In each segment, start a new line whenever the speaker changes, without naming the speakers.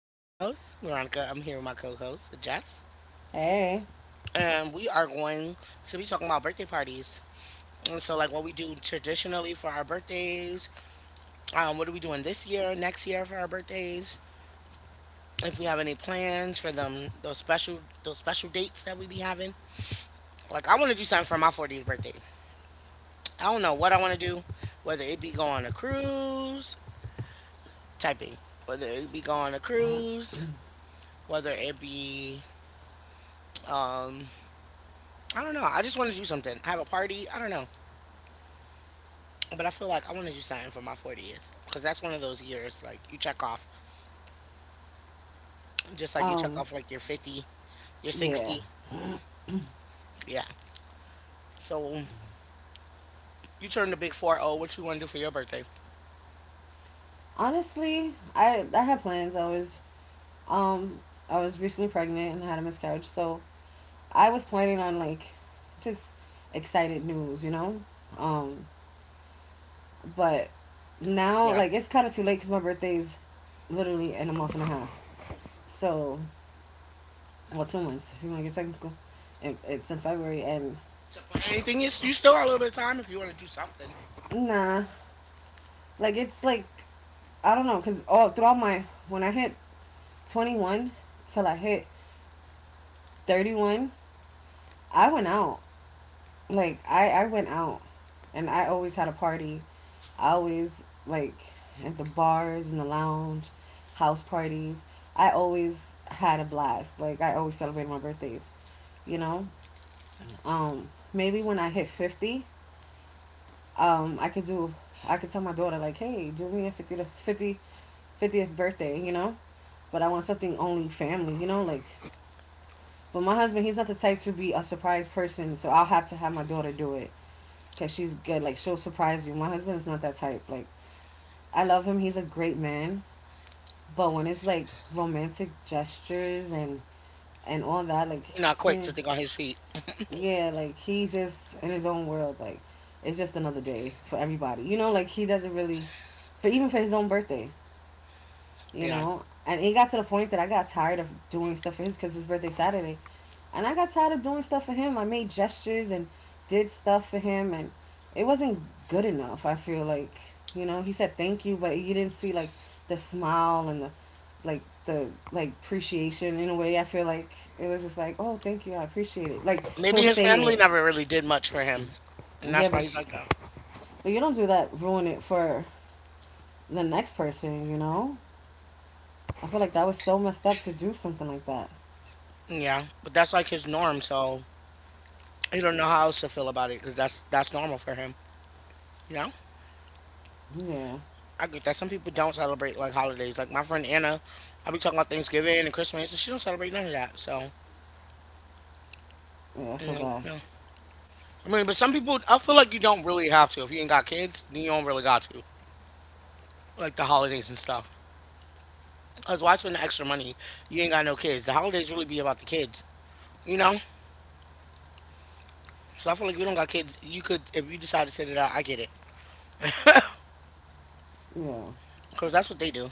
I'm your host, Veronica. I'm here with my co-host, Jess,
Hey.
and we are going to be talking about birthday parties. And so, like, what we do traditionally for our birthdays, what are we doing this year, next year for our birthdays? If we have any plans for them, those special dates that we be having. Like, I want to do something for my 40th birthday. I don't know what I want to do, whether it be go on a cruise, typing, whether it be go on a cruise whether it be um I don't know. I just want to do something. Have a party. I don't know. But I feel like I want to do something for my 40th because that's one of those years like you check off, just like you check
Um,
off like your 50, your
yeah.
60. Yeah. So you turn the big 40. What you want to do for your birthday?
Honestly, I had plans. Um I was recently pregnant and had a miscarriage, so I was planning on like, just excited news, you know? Um, but now
Yeah.
like it's kind of too late cuz my birthday is literally in a month and a half. So, well, 2 months if you want to get technical. It's in February. and
To plan anything, you still got a little bit of time if you want to do something.
nah, like it's like I don't know cuz all throughout my when I hit 21 till I hit 31, I went out. Like, I went out. And I always had a party. I always, like, at the bars and the lounge, house parties. I always had a blast. Like, I always celebrated my birthdays, you know? Maybe when I hit 50, um, I could do, I could tell my daughter, like, hey, do me a fiftieth birthday, you know? But I want something only family, you know? Like, but my husband, he's not the type to be a surprise person, so I'll have to have my daughter do it because she's good. Like she'll surprise you. My husband is not that type. Like, I love him. He's a great man. But when it's like romantic gestures and all that,
You're not quick
eh,
to think on his feet.
yeah, like he's just in his own world. Like it's just another day for everybody. You know, like he doesn't really, for even for his own birthday. You
Yeah.
know, and it got to the point that I got tired of doing stuff for his, because his birthday Saturday. And I got tired of doing stuff for him. I made gestures and did stuff for him, and it wasn't good enough. I feel like, you know, he said thank you, but you didn't see like the smile and the, like the appreciation in a way. I feel like it was just like, oh, thank you, I appreciate it. Like,
Maybe
he'll
his
say
family
it,
never really did much for him, and
yeah,
that's why he's like that.
but you don't do that. Ruin it for the next person, you know. I feel like that was so messed up to do something like that.
Yeah. But that's like his norm. So you don't know how else to feel about it because that's normal for him. You know,
Yeah,
I get that some people don't celebrate like holidays. Like my friend Anna, I be talking about Thanksgiving and Christmas, and she don't celebrate none of that. So
yeah, I
I'm
feel
like,
bad.
no. I mean, but some people, I feel like you don't really have to. If you ain't got kids, then you don't really got to. Like the holidays and stuff. Cause why spend the extra money? You ain't got no kids. The holidays really be about the kids. You know. So I feel like you don't got kids. You could, if you decide to sit it out, I get it.
Yeah,
Cause that's what they do.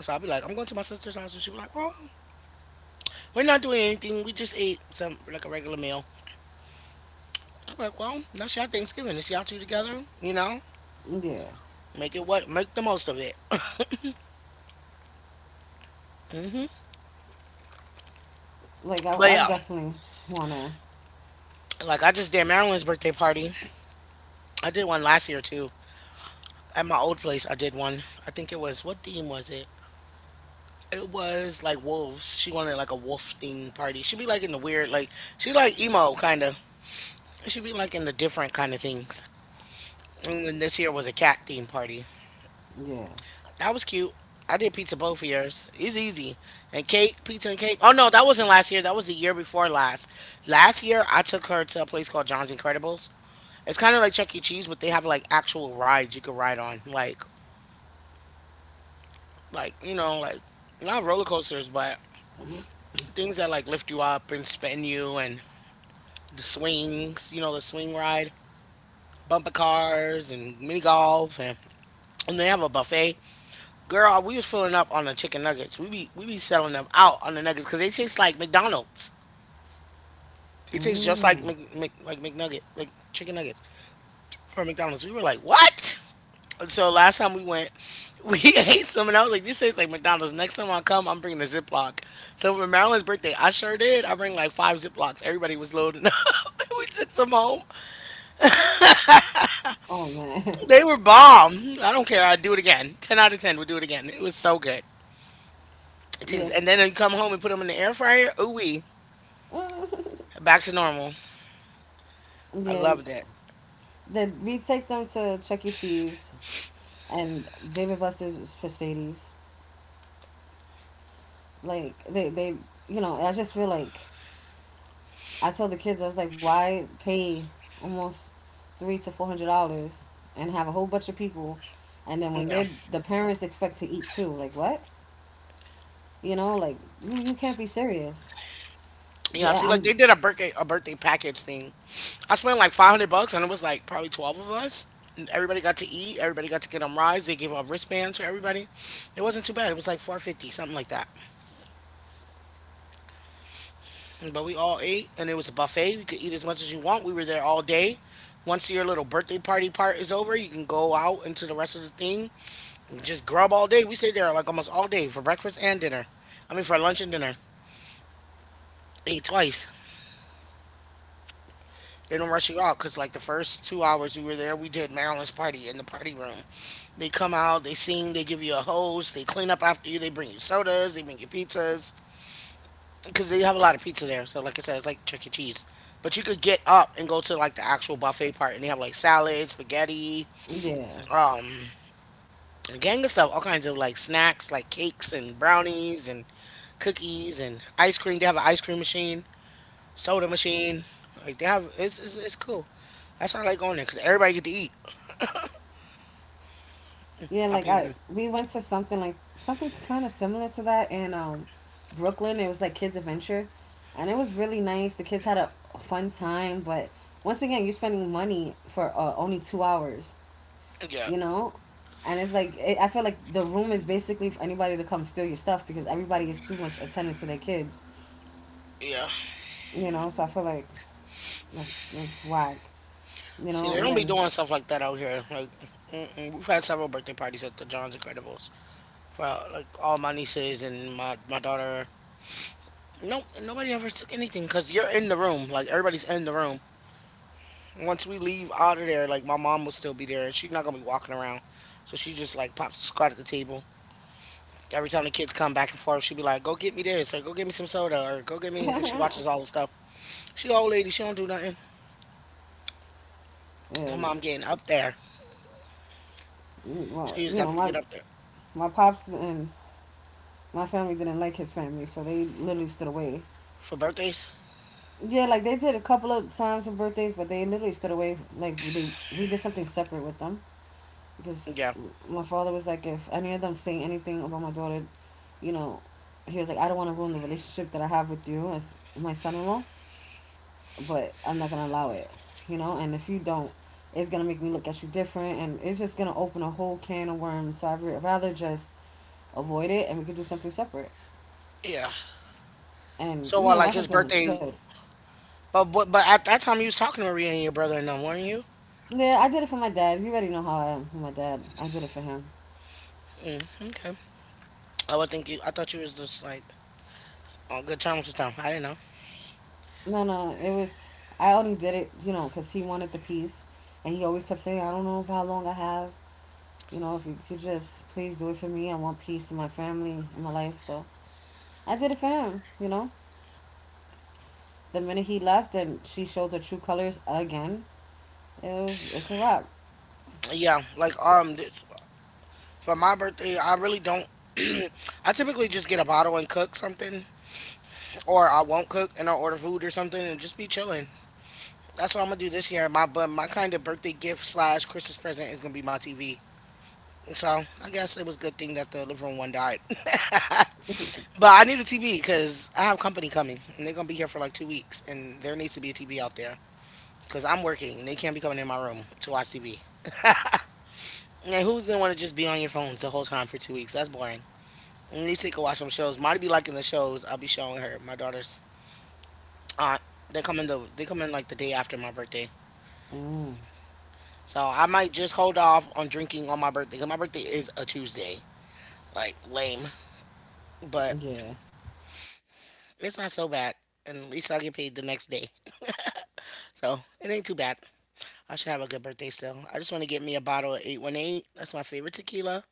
So I'll be like, I'm going to my sister's house, and she'll be like, oh. We're not doing anything. We just ate some like a regular meal. I'm like, well, that's y'all Thanksgiving. It's y'all two together. You know,
yeah.
make the most of it. hmm
Like I,
But
I
yeah,
definitely wanna...
like I just did Marilyn's birthday party. I did one last year too at my old place. I did one. I think it was what theme was it? It was like wolves. She wanted like a wolf theme party. She'd be like in the weird, like she like emo kind of. She'd be like in the different kind of things. And then this year was a cat theme party.
Yeah.
That was cute. I did pizza both of yours. It's easy. And cake, pizza and cake. Oh no, that wasn't last year. That was the year before last. Last year I took her to a place called John's Incredibles. It's kind of like Chuck E. Cheese, but they have like actual rides you could ride on, like not roller coasters, but things that like lift you up and spin you, and the swings. You know the swing ride, bumper cars, and mini golf, and they have a buffet. Girl, we was filling up on the chicken nuggets. We be selling them out on the nuggets because they taste like McDonald's. They taste just like
Mm.
McNugget, like chicken nuggets from McDonald's. We were like, what? And so last time we went, we ate some, and I was like, this tastes like McDonald's. Next time I come, I'm bringing a Ziploc. So for Marilyn's birthday, I sure did. I bring like 5 Ziplocs. Everybody was loading up. we took some home.
Oh man.
They were bomb. I don't care. I'd do it again. 10 out of 10. We'll do it again. It was so good. It
Yeah.
tastes- And then you come home and put them in the air fryer. Ooh,
Mm.
back to normal. I
Yeah.
love that.
That we take them to Chuck E. Cheese and David Buster's for Sadie's. Like they you know, I just feel like I told the kids, I was like, why pay almost three to four hundred dollars and have a whole bunch of people, and then when
Yeah.
they're the parents expect to eat too, like what? You know, like you can't be serious.
Yeah,
Yeah,
see, like they
I'm
did a birthday package thing. I spent like $500, and it was like probably 12 of us. And everybody got to eat. Everybody got to get on rides. They gave out wristbands for everybody. It wasn't too bad. It was like 450, something like that. But we all ate, and it was a buffet. You could eat as much as you want. We were there all day. Once your little birthday party part is over, you can go out into the rest of the thing and just grub all day. We stayed there like almost all day for breakfast and dinner. I mean, for lunch and dinner. Ate twice. They don't rush you out because, like, the first 2 hours we were there, we did Marilyn's party in the party room. They come out, they sing, they give you a hose, they clean up after you, they bring you sodas, they bring you pizzas because they have a lot of pizza there. So, like I said, it's like Chuck E. Cheese. But you could get up and go to like the actual buffet part, and they have like salads, spaghetti,
yeah.
um, a gang of stuff, all kinds of like snacks, like cakes and brownies and cookies and ice cream. They have an ice cream machine, soda machine. It's cool. That's why I like going there because everybody get to eat.
Yeah,
I
like
think,
I,
mhm.
we went to something kind of similar to that in Brooklyn. It was like Kids Adventure, and it was really nice. The kids had a fun time, but once again, you're spending money for only 2 hours,
Yeah,
you know, and it's like it, I feel like the room is basically for anybody to come steal your stuff because everybody is too much attentive to their kids,
yeah.
you know. So I feel like that's whack, you
See,
know.
they
And
don't be
then,
doing stuff like that out here. Like, mm-mm, we've had several birthday parties at the John's Incredibles for like all my nieces and my daughter. Nope, nobody ever took anything because you're in the room. Like everybody's in the room. Once we leave out of there, like my mom will still be there, and she's not gonna be walking around. So she just like pops the squat at the table. Every time the kids come back and forth, she'll be like, "Go get me this," or "Go get me some soda," or "Go get me." And she watches all the stuff. She old lady. She don't do nothing. My
and
mom getting up there.
well,
She was
you know,
definitely get
my
up there.
my pops and my family didn't like his family, so they literally stood away.
For birthdays?
Yeah, like they did a couple of times for birthdays, but they literally stood away. Like they, we did something separate with them because
Yeah.
my father was like, if any of them say anything about my daughter, you know, he was like, I don't want to ruin the relationship that I have with you as my son-in-law, but I'm not gonna allow it, you know. And if you don't, it's gonna make me look at you different, and it's just gonna open a whole can of worms. So I'd rather just avoid it, and we could do something separate.
Yeah.
And
So
you
what,
know, my
like his
husband
birthday?
understood.
But at that time you was talking to Maria and your brother and them, weren't you?
Yeah, I did it for my dad. You already know how I am for my dad. I did it for him.
Mm, okay. I would think you. I thought you was just like on good terms with them. I didn't know.
No, no, it was. I only did it, you know, because he wanted the piece, and he always kept saying, "I don't know how long I have. You know, if you could just please do it for me. I want peace in my family, in my life." So I did it for him. You know, the minute he left and she showed her true colors again, it's a wrap.
Yeah. Like for my birthday, I really don't. I typically just get a bottle and cook something, or I won't cook and I'll order food or something and just be chilling. That's what I'm gonna do this year. My kind of birthday gift slash Christmas present is gonna be my TV. So I guess it was a good thing that the living room one died. But I need a TV because I have company coming and they're gonna be here for like 2 weeks and there needs to be a TV out there because I'm working and they can't be coming in my room to watch TV. And who's gonna want to just be on your phones the whole time for 2 weeks? That's boring. At least they can watch some shows. Marty be liking the shows. I'll be showing her my daughter's aunt. They come in like the day after my birthday,
Mm,
so I might just hold off on drinking on my birthday because my birthday is a Tuesday. Like lame, but
yeah,
it's not so bad. And at least I'll get paid the next day, so it ain't too bad. I should have a good birthday still. I just want to get me a bottle of 818. That's my favorite tequila.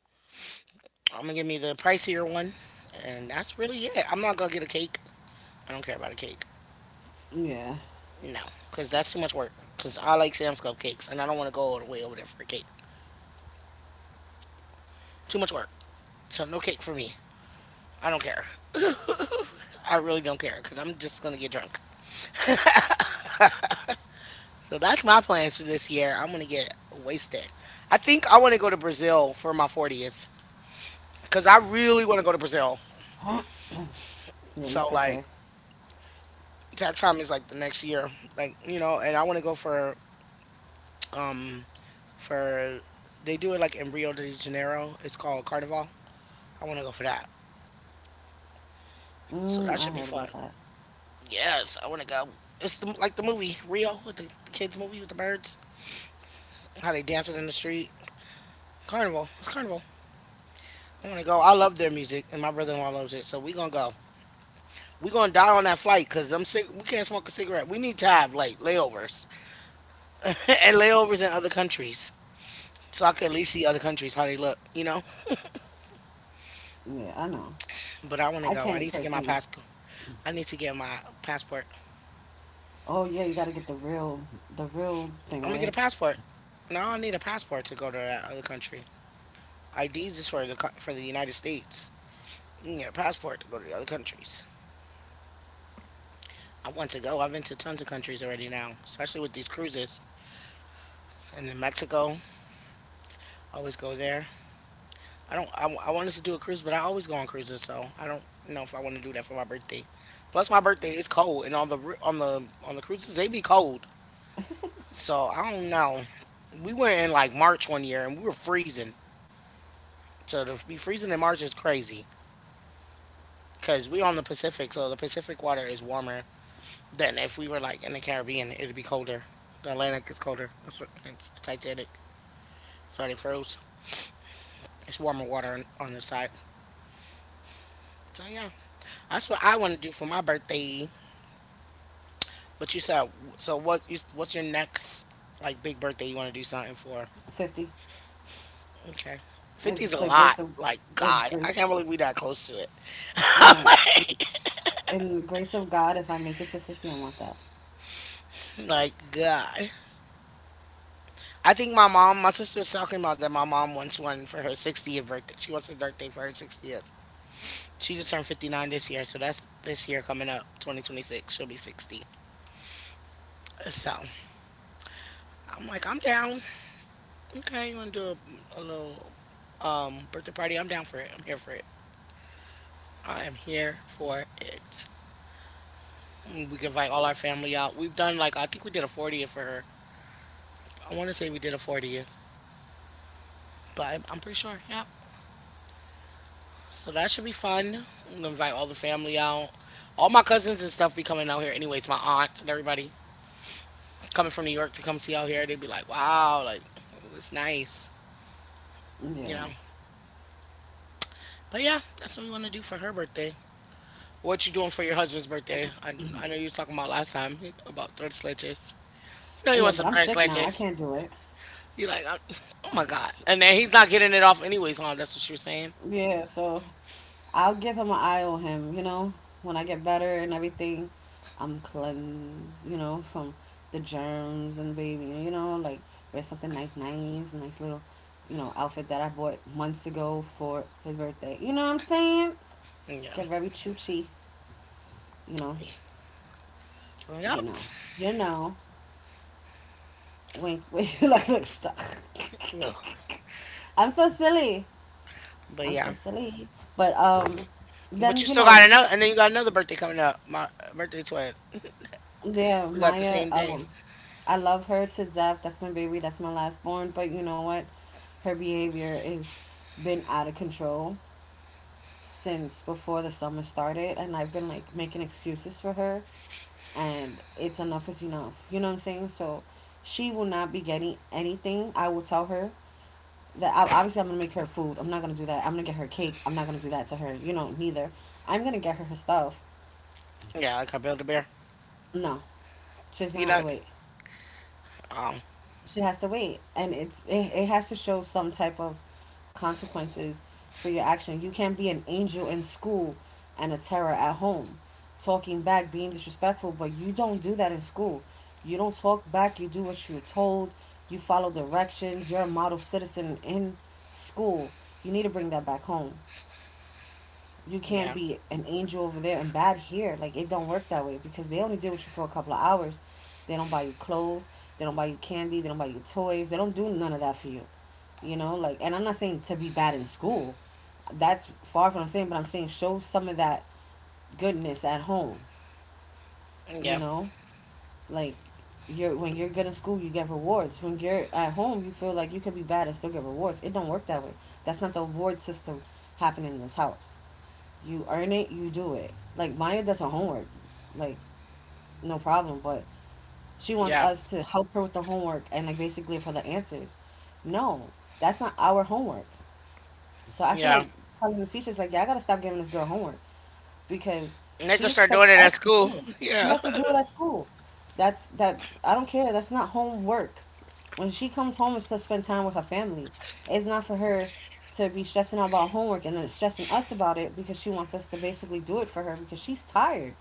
I'm going to get me the pricier one. And that's really it. I'm not going to get a cake. I don't care about a cake.
yeah,
No, because that's too much work. Because I like Sam's Club cakes and I don't want to go all the way over there for a cake. Too much work. So no cake for me. I don't care. I really don't care because I'm just going to get drunk. So that's my plans for this year. I'm going to get wasted. I think I want to go to Brazil for my 40th because I really want to go to Brazil.
yeah. You
So,
cray
like,
cray.
tax time is like the next year, like, and I want to go for um for they do it like in Rio de Janeiro. It's called Carnival. I want to go for that, so
Mm,
that
I
should be
heard
fun.
about that.
Yes, I want to go. It's like the movie Rio with the kids movie with the birds, how they dancing in the street. Carnival, it's Carnival. I want to go. I love their music and my brother-in-law loves it, so we gonna go. We gonna die on that flight because I'm sick. We can't smoke a cigarette. We need to have like layovers and layovers in other countries, so I can at least see other countries how they look.
Yeah, I know.
But I want to
I
go. I
can't
need to get my
personally.
passport. I need to get my passport.
Oh yeah, you gotta get the real thing,
I'm gonna get a
right?
passport. No, I need a passport to go to that other country. IDs is for the United States. You can get a passport to go to the other countries. I want to go. I've been to tons of countries already now, especially with these cruises. And then Mexico, always go there. I don't. I wanted to do a cruise, but I always go on cruises, so I don't know if I want to do that for my birthday. Plus, my birthday is cold, and on the on the cruises they be cold. So I don't know. We went in like March one year and we were freezing. So to be freezing in March is crazy because we on the Pacific, so the Pacific water is warmer than if we were like in the Caribbean. It'd be colder. The Atlantic is colder. It's the Titanic, so they froze. It's warmer water on this side. So yeah, that's what I want to do for my birthday. But you said so. What's your next like big birthday you want to do something for?
50.
Okay, 50's
If
a
the
lot.
grace of,
Like
if
God, I can't
grace,
believe we that close to it.
we're not in the grace of God. If I make it to 50, I want that.
Like God. I think my sister was talking about that. My mom wants one for her 60th birthday. She wants a birthday for her 60th. She just turned 59 this year, so that's this year coming up, 2026. She'll be 60. So I'm like, I'm down. Okay, you want to do a little birthday party? I'm down for it. I'm here for it. I am here for it. We can invite all our family out. We've done like I think we did a 40th for her. I want to say we did a 40th, but I'm pretty sure. Yeah, so that should be fun. I'm gonna invite all the family out. All my cousins and stuff be coming out here anyways, my aunt and everybody coming from New York to come see out here. They'd be like, "Wow, like it was nice, you know.
Yeah,
But yeah, that's what we wanna do for her birthday. What you doing for your husband's birthday? I know you was talking about last time about third sledges. You know you
yeah.
want
But
some
I'm
third
sick now. I
sledges.
can't do it.
You like I- oh my god. And then he's not getting it off anyways, huh? That's what she was saying.
Yeah. So I'll give him an eye on him. You know, when I get better and everything, I'm cleansed. You know, from the germs and baby. You know, like, wear something like nice little, you know, outfit that I bought months ago for his birthday. You know what I'm saying?
Yeah.
Get very choochy, you know, you
Yep.
know, you know. Wink, wink. Like, look, stop.
No.
I'm so silly.
But
I'm so
yeah.
silly. But
But
then
you
you
still
know,
got another, and then you got another birthday coming up. My birthday twin.
there
We got the
Maya.
same thing.
I love her to death. That's my baby. That's my last born. But you know what? Her behavior is been out of control since before the summer started, and I've been like making excuses for her, and it's enough is enough. You know what I'm saying? So she will not be getting anything. I will tell her that I, obviously I'm gonna make her food. I'm not gonna do that. I'm gonna get her cake. I'm not gonna do that to her. You know, neither. I'm gonna get her her stuff.
Yeah, like a build a bear.
No, she's
You
gonna have
know.
to wait.
Um.
She has to wait, and it's it, it has to show some type of consequences for your action. You can't be an angel in school and a terror at home, talking back, being disrespectful, but you don't do that in school. You don't talk back, you do what you're told, you follow directions. You're a model citizen in school. You need to bring that back home. You can't
Yeah.
be an angel over there and bad here. Like, it don't work that way because they only deal with you for a couple of hours. They don't buy you clothes. They don't buy you candy. They don't buy you toys. They don't do none of that for you. You know, like, and I'm not saying to be bad in school. That's far from what I'm saying, but I'm saying show some of that goodness at home. You
Yeah.
know, like, you're when you're good in school, you get rewards. When you're at home, you feel like you could be bad and still get rewards. It don't work that way. That's not the reward system happening in this house. You earn it, you do it. Like, Maya does her homework, like, no problem. But she wants
Yeah.
us to help her with the homework and like basically give her the answers. No, that's not our homework. So I feel
Yeah.
like telling the teachers like, yeah, I gotta stop giving this girl homework because
And they can
she
start
expects
doing it at
us to
school.
do it. She
Yeah.
has to do it at school. That's I don't care. That's not homework. When she comes home, it's to spend time with her family. It's not for her to be stressing out about homework and then stressing us about it because she wants us to basically do it for her because she's tired.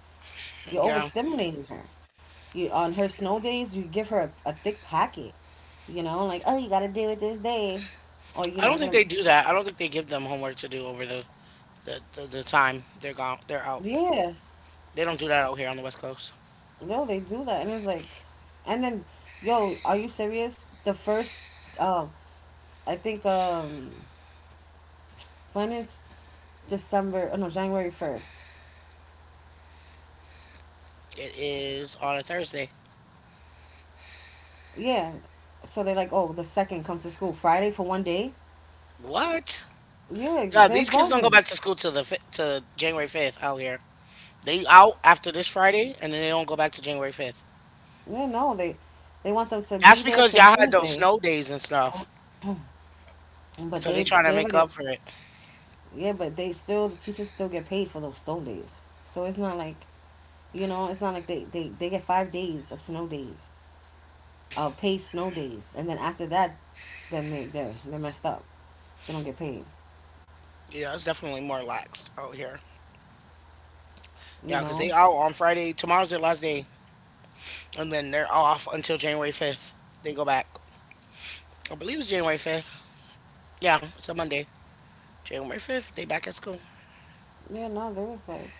You're
Yeah.
overstimulating her. You on her snow days, you give her a thick packet. You know, like, oh, you got to deal with this day, or you're
I
not
don't think
gonna.
they do that. I don't think they give them homework to do over the time they're gone. They're out.
Yeah,
They don't do that out here on the West Coast.
yo, they do that, and it's like, and then, yo, are you serious? The first, um, I think, when is December? Oh no, January 1st.
It is on a Thursday.
Yeah, so they're like, oh, the second comes to school Friday for one day.
What?
Yeah,
Yeah,
they're
these kids don't go
bugging.
back to school till the fi- to January 5th out here. They out after this Friday, and then they don't go back to January 5th.
Yeah, no, they want them to
That's
be there
because
to
y'all had those
Tuesday,
snow days and stuff.
but
So they
they
trying to
they
make up
already,
for it.
yeah, but they still the teachers still get paid for those snow days. So it's not like, you know, it's not like they get 5 days of snow days. Paid snow days, and then after that, then they're messed up. They don't get paid.
Yeah, it's definitely more laxed out here.
You
Yeah, 'cause
know?
they out on Friday. Tomorrow's their last day. And then they're off until January 5th. They go back. I believe it's January 5th. Yeah, it's a Monday. January 5th, they back at school.
Yeah, no, there was like,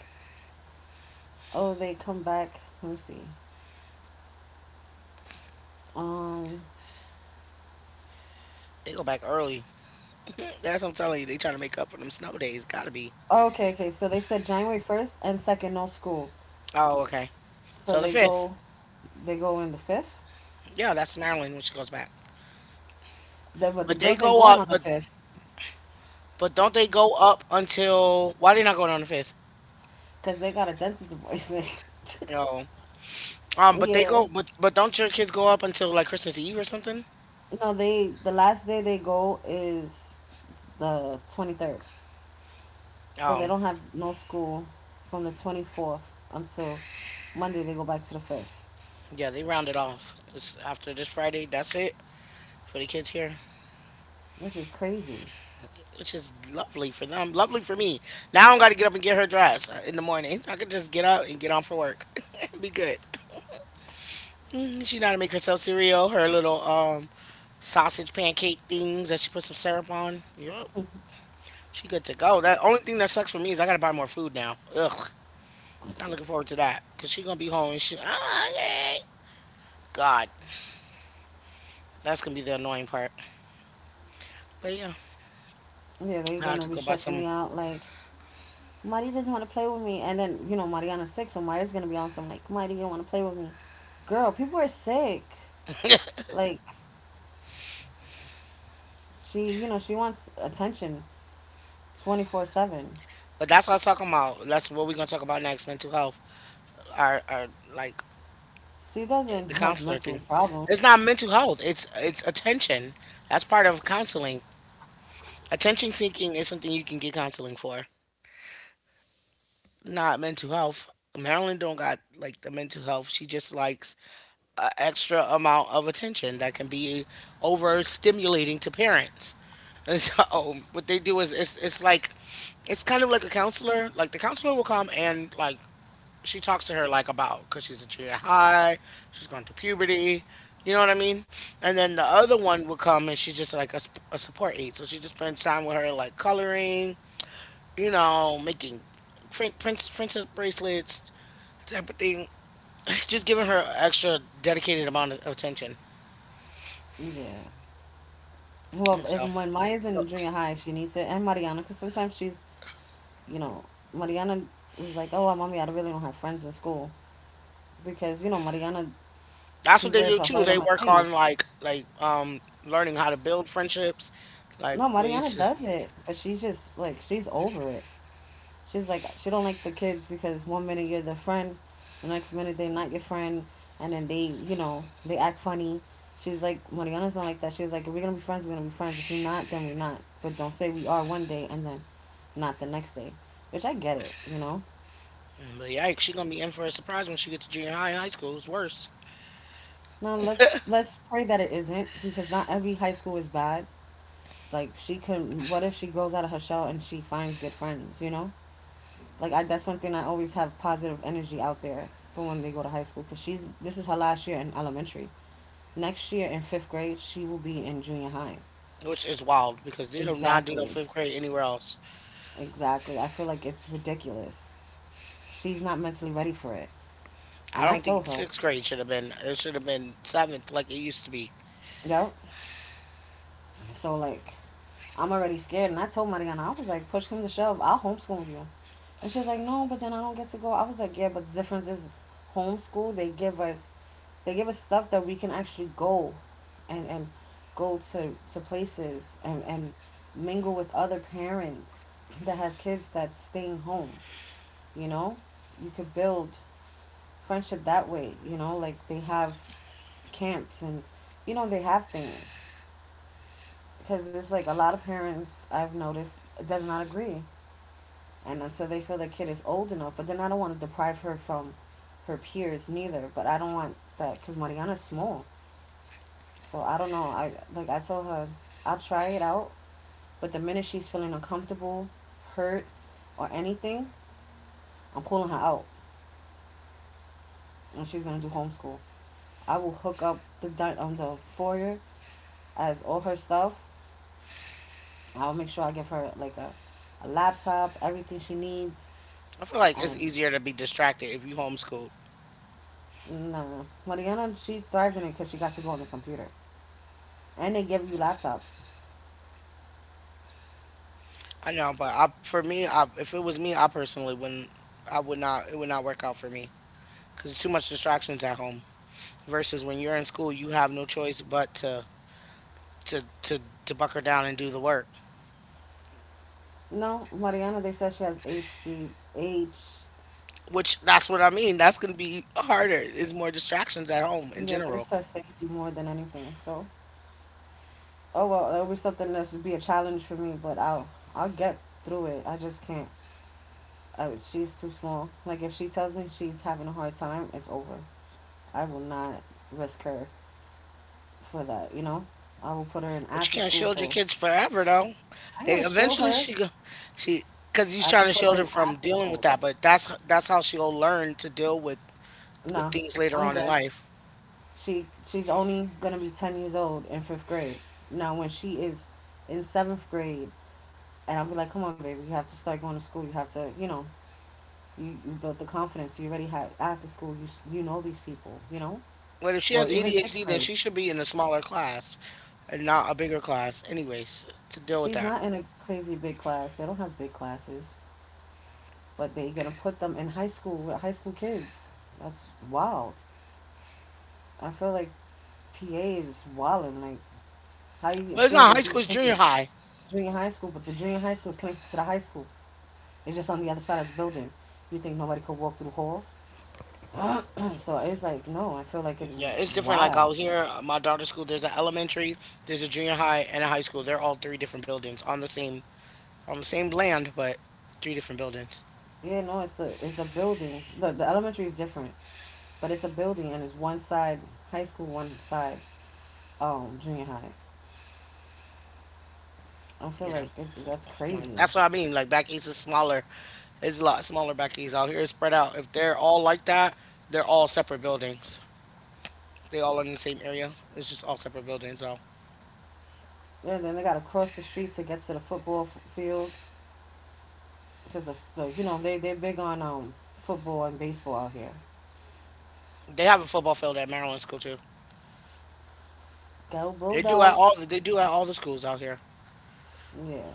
oh, they come back. Let me see. Um.
They go back early. That's what I'm telling you. They trying to make up for them snow days. Gotta be.
Oh, okay, okay. So they said January 1st and second, no school.
Oh, okay.
So
So the
they
5th.
go, they go in the fifth.
Yeah, that's Maryland when she goes back.
The, but the
But they
girls ain't
go
going
up,
on the fifth
but don't they go up until. Why they not going on the 5th?
because they got a dentist appointment.
No. But they
Yeah.
go, but don't your kids go up until like Christmas Eve or something?
No, they the last day they go is the 23rd. So they
Oh,
don't have no school from the 24th until Monday they go back to the 5th,
yeah, they round it off. It's after this Friday. That's it for the kids here,
which is crazy.
which is lovely for them. Lovely for me. Now I don't got to get up and get her dressed in the morning, so I could just get up and get on for work. Be good. Mm, she know how to make herself cereal, her little sausage pancake things that she put some syrup on. Yep, she good to go. That only thing that sucks for me is I gotta buy more food now. Ugh. I'm looking forward to that. Cause she gonna be home and she okay. God. That's gonna be the annoying part. But yeah,
Yeah,
I
they're
have
going
to
to be
go buy
stressing
some.
me out like, Mari doesn't want to play with me. And then, Mariana's sick, so Mari's going to be on some like, Mari, you don't want to play with me. Girl, people are sick. Like, she, she wants attention 24/7.
But that's what I was talking about. That's what we're gonna talk about next. Mental health. Our like
She doesn't
the
have
counselor
mental
thing.
problem.
It's not mental health. It's attention. That's part of counseling. Attention seeking is something you can get counseling for. Not mental health. Marilyn don't got like the mental health. She just likes a extra amount of attention that can be overstimulating to parents. And so what they do is it's like it's kind of like a counselor. Like the counselor will come and like she talks to her like about because she's in junior high, she's going through puberty. You know what I mean? And then the other one will come and she's just like a support aide. So she just spends time with her like coloring, you know, making princess bracelets, type of thing. Just giving her extra dedicated amount of attention.
Yeah. Well,
And
if
so,
when Maya's
so
in junior high, she needs it, and Mariana, because sometimes she's you know, Mariana is like, oh, mommy, I really don't have friends in school because Mariana,
that's
she
what they
wears
do
her
too.
heart
They
on her
work on
sleeve.
learning how to build friendships, like
No, Mariana does it, but she's just like she's over it. She's like she don't like the kids because one minute you're their friend, the next minute they're not your friend, and then they, they act funny. She's like Mariana's not like that. She's like if we're gonna be friends, we're gonna be friends. If we're not, then we're not. But don't say we are one day and then not the next day, which I get it, you know.
but yikes, she gonna be in for a surprise when she gets to junior high and high school. It's worse,
No, let's pray that it isn't because not every high school is bad. Like she could what if she grows out of her shell and she finds good friends, you know? Like I that's one thing I always have positive energy out there for when they go to high school cuz she's this is her last year in elementary. Next year in 5th grade, she will be in junior high.
which is wild because they do not do no
Exactly.
fifth grade anywhere else.
Exactly. I feel like it's ridiculous. She's not mentally ready for it.
I
And I
don't
told
think
her,
sixth grade should have been. It should have been seventh like it used to be.
yep. So like I'm already scared. And I told Mariana, I was like, push him to shove. I'll homeschool you. And she's like, no, but then I don't get to go. I was like, yeah, but the difference is homeschool, they give us stuff that we can actually go and go to places and mingle with other parents that has kids that's staying home, you know? You could build friendship that way, you know? Like they have camps and, you know, they have things. Because it's like a lot of parents I've noticed does not agree, and until they feel the kid is old enough. But then I don't want to deprive her from her peers neither. But I don't want that because Mariana's small, so I don't know. I like I told her I'll try it out, but the minute she's feeling uncomfortable, hurt, or anything, I'm pulling her out, and she's gonna do homeschool. I will hook up the on the foyer as all her stuff. I'll make sure I give her like a laptop, everything she needs,
I feel like it's
and
easier to be distracted if you homeschooled.
no, Mariana, she thrived in it because she got to go on the computer, and they give you laptops.
I know, but for me, I, if it was me, I personally wouldn't. I would not. It would not work out for me because it's too much distractions at home, versus when you're in school you have no choice but to to, to buckle down and do the work,
No, Mariana, they said she has HDH.
which that's what I mean. That's going to be harder. It's more distractions at home in
Yeah, but
general.
it's her safety more than anything. So, oh well, it'll be something that's be a challenge for me, but I'll get through it. I just can't. She's too small. Like if she tells me she's having a hard time, it's over. I will not risk her for that. You know, I will put her in
But
after
you can't
school.
shield your
So
kids forever though.
I'm
They
gonna show
eventually
her.
she because you're
I
trying
could
to
put her
shield her
in
from
after
dealing with
school.
that, but that's how she'll learn to deal with
No,
things later
I'm
on in
good.
life.
She's only gonna be 10 years old in fifth grade. Now when she is in seventh grade, and I'll be like, come on, baby, you have to start going to school. You have to, you know, you built the confidence. You already had after school. You know these people, you know,
But if she
or
has
even sixth
ADHD then
grade.
she should be in a smaller class and not a bigger class anyways to deal with
She's
that.
not in a crazy big class. They don't have big classes, but they gonna put them in high school with high school kids. That's wild. I feel like PA is wilding. Like, how do you
But it's
feel
not
that
high school,
these
it's
kids?
junior high.
Junior high school, but the junior high school is connected to the high school. It's just on the other side of the building. You think nobody could walk through the halls? So it's like no, I feel like it's
Yeah, it's different. Like
wild.
out here, my daughter's school, there's an elementary, there's a junior high, and a high school. They're all three different buildings on the same land, but three different buildings.
Yeah, no, it's a building. The elementary is different, but it's a building and it's one side high school, one side junior high. I feel
Yeah,
like that's
well,
crazy.
that's what I mean. Like back east is smaller. It's a lot smaller back east. Out here, it's spread out. If they're all like that, they're all separate buildings. They all in the same area. It's just all separate buildings. So
Yeah, then they got to cross the street to get to the football field because the you know they're big on football and baseball out here.
they have a football field at Maryland school too.
Go
They do at all.
Bulldogs!
They do at all the schools out here.
Yeah,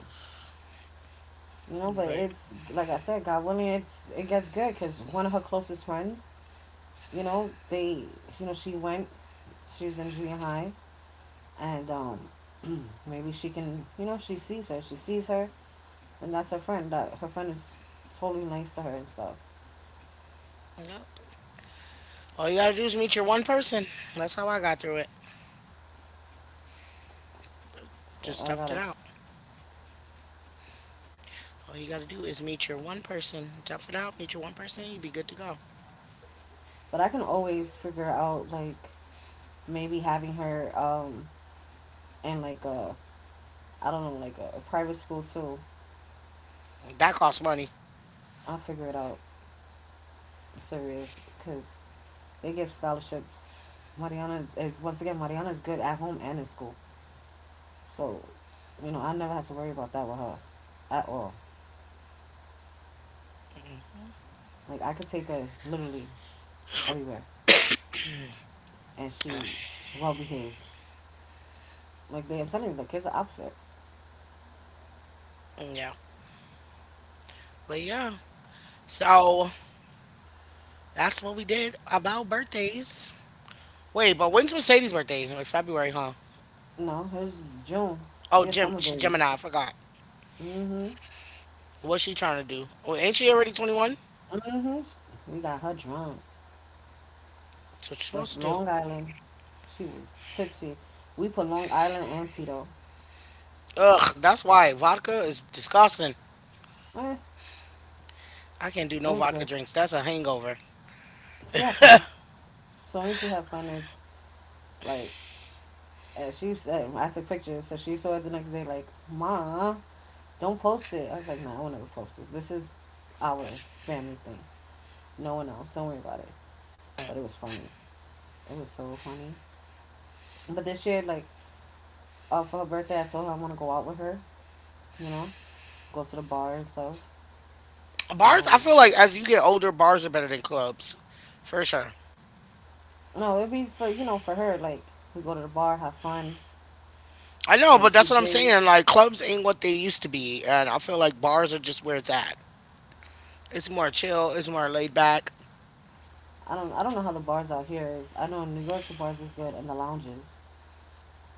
you know but
But
it's like I said god willing it gets good because one of her closest friends you know they you know she's in junior high and maybe she can you know she sees her and that's her friend that her friend is totally nice to her and stuff
yep, all you gotta do is meet your one person. That's how I got through it.
so
Just
I
tough it
gotta
out. All you gotta do is meet your one person, tough it out, meet your one person, you'd be good to go.
but I can always figure out like maybe having her in like a I don't know like a private school too.
That costs money.
I'll figure it out. I'm serious because they give scholarships. Mariana is good at home and in school, so you know I never had to worry about that with her at all. Like I could take her literally everywhere, and she well behaved. Like they, I'm telling you, the kids are opposite.
Yeah. But yeah. So that's what we did about birthdays. Wait, but when's Mercedes' birthday? Like February, huh?
No, hers June.
Oh,
She a
Gem,
summer
she
baby.
Gemini, I forgot.
Mhm.
What's she trying to do? Oh, ain't she already 21? That's
Mhm. We got her drunk
what you're
with
supposed to do.
Long Island. She was tipsy. We put Long Island and Tito.
Ugh, that's why. Vodka is disgusting.
Eh,
I can't do
it
no
was
vodka
good.
drinks. That's a hangover.
She had fun. As long as she had fun, it's like. And she said, I took pictures, so she saw it the next day, like, Ma, don't post it. I was like, no, I will not ever post it. This is our family thing. No one else. Don't worry about it. But it was funny. It was so funny. But this year, like, for her birthday, I told her I want to go out with her, you know, go to the bar and stuff.
Bars, I
Um,
feel like as you get older, bars are better than clubs. For sure.
no, it'd be for, you know, for her, like, we go to the bar, have fun,
I know,
and
but
she
that's what I'm
drinks.
saying. Like clubs ain't what they used to be, and I feel like bars are just where it's at. It's more chill. It's more laid back.
I don't know how the bars out here is. I know in New York the bars was good and the lounges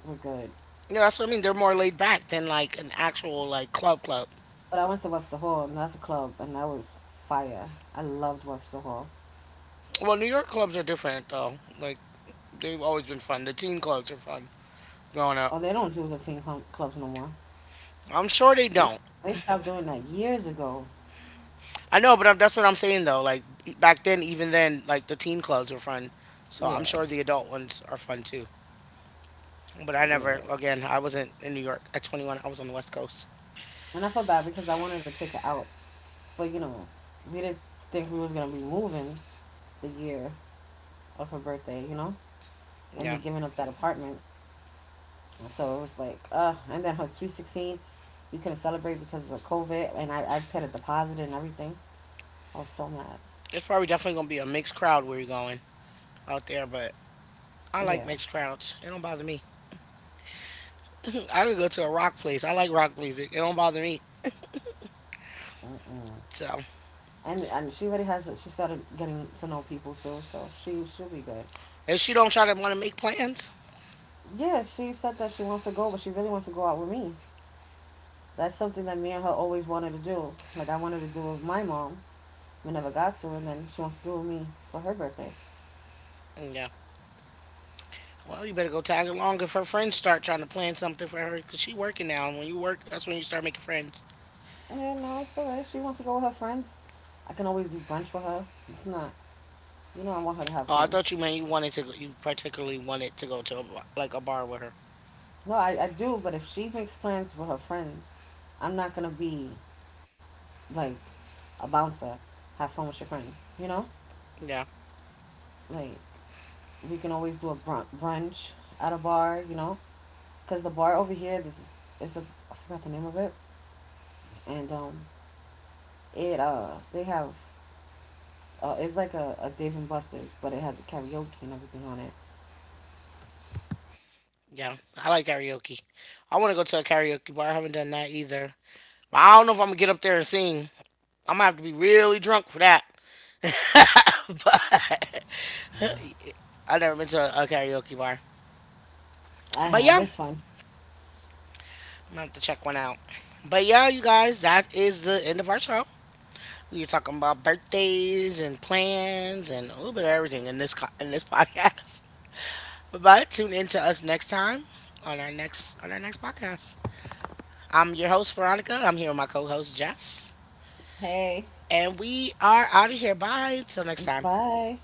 were good.
Yeah, that's what I mean. They're more laid back than like an actual like club club.
But I went to Webster Hall, and that's a club, and that was fire. I loved Webster Hall.
Well, New York clubs are different though. Like they've always been fun. The teen clubs are fun growing up.
Oh, they don't do the teen club clubs no more.
I'm sure they
They
don't.
they stopped doing that years ago.
I know, but that's what I'm saying though. Like back then, even then, like the teen clubs were fun. So I'm
Yeah,
sure the adult ones are fun too. But I
yeah.
never, again, I wasn't in New York at 21. I was on the West Coast.
And I felt bad because I wanted to take her out, but you know, we didn't think we was gonna be moving the year of her birthday, you know, and me
Yeah.
giving up that apartment. So it was like, and then her sweet sixteen, we couldn't celebrate because of COVID, and I put a deposit and everything. I was so mad.
It's probably definitely gonna be a mixed crowd where you're going out there, but I like
Yeah.
mixed crowds. It don't bother me. I could go to a rock place. I like rock music. It don't bother me.
Mm-mm.
So
And she already has she started getting to know people too, so she'll be good.
if she don't try to want to make plans,
Yeah, she said that she wants to go, but she really wants to go out with me. That's something that me and her always wanted to do. Like I wanted to do it with my mom, we never got to, and then she wants to do it with me for her birthday.
mm, yeah. Well, you better go tag along if her friends start trying to plan something for her because she working now. And when you work, that's when you start making friends.
Yeah, no, it's alright. She wants to go with her friends. I can always do brunch with her. It's not, you know, I want her to have
Oh, I
fun.
thought you meant you wanted to. Go, you particularly wanted to go to like a bar with her.
No, I do, but if she makes plans with her friends, I'm not gonna be like a bouncer. Have fun with your friend, you know?
Yeah,
Like we can always do a brunch at a bar, you know, because the bar over here, this is it's a I forgot the name of it, and it they have it's like a Dave and Buster's, but it has a karaoke and everything on it.
yeah. I like karaoke. I want to go to a karaoke bar. I haven't done that either. But I don't know if I'm gonna get up there and sing. I'm gonna have to be really drunk for that. but I've never been to a karaoke bar.
I
But
have
yeah, I'm
it's fine.
gonna have to check one out. But yeah, you guys, that is the end of our show. We were talking about birthdays and plans and a little bit of everything in in this podcast. But tune in to us next time on our next podcast. I'm your host Veronica. I'm here with my co-host Jess,
Hey.
and we are out of here. Bye. Till next time.
Bye.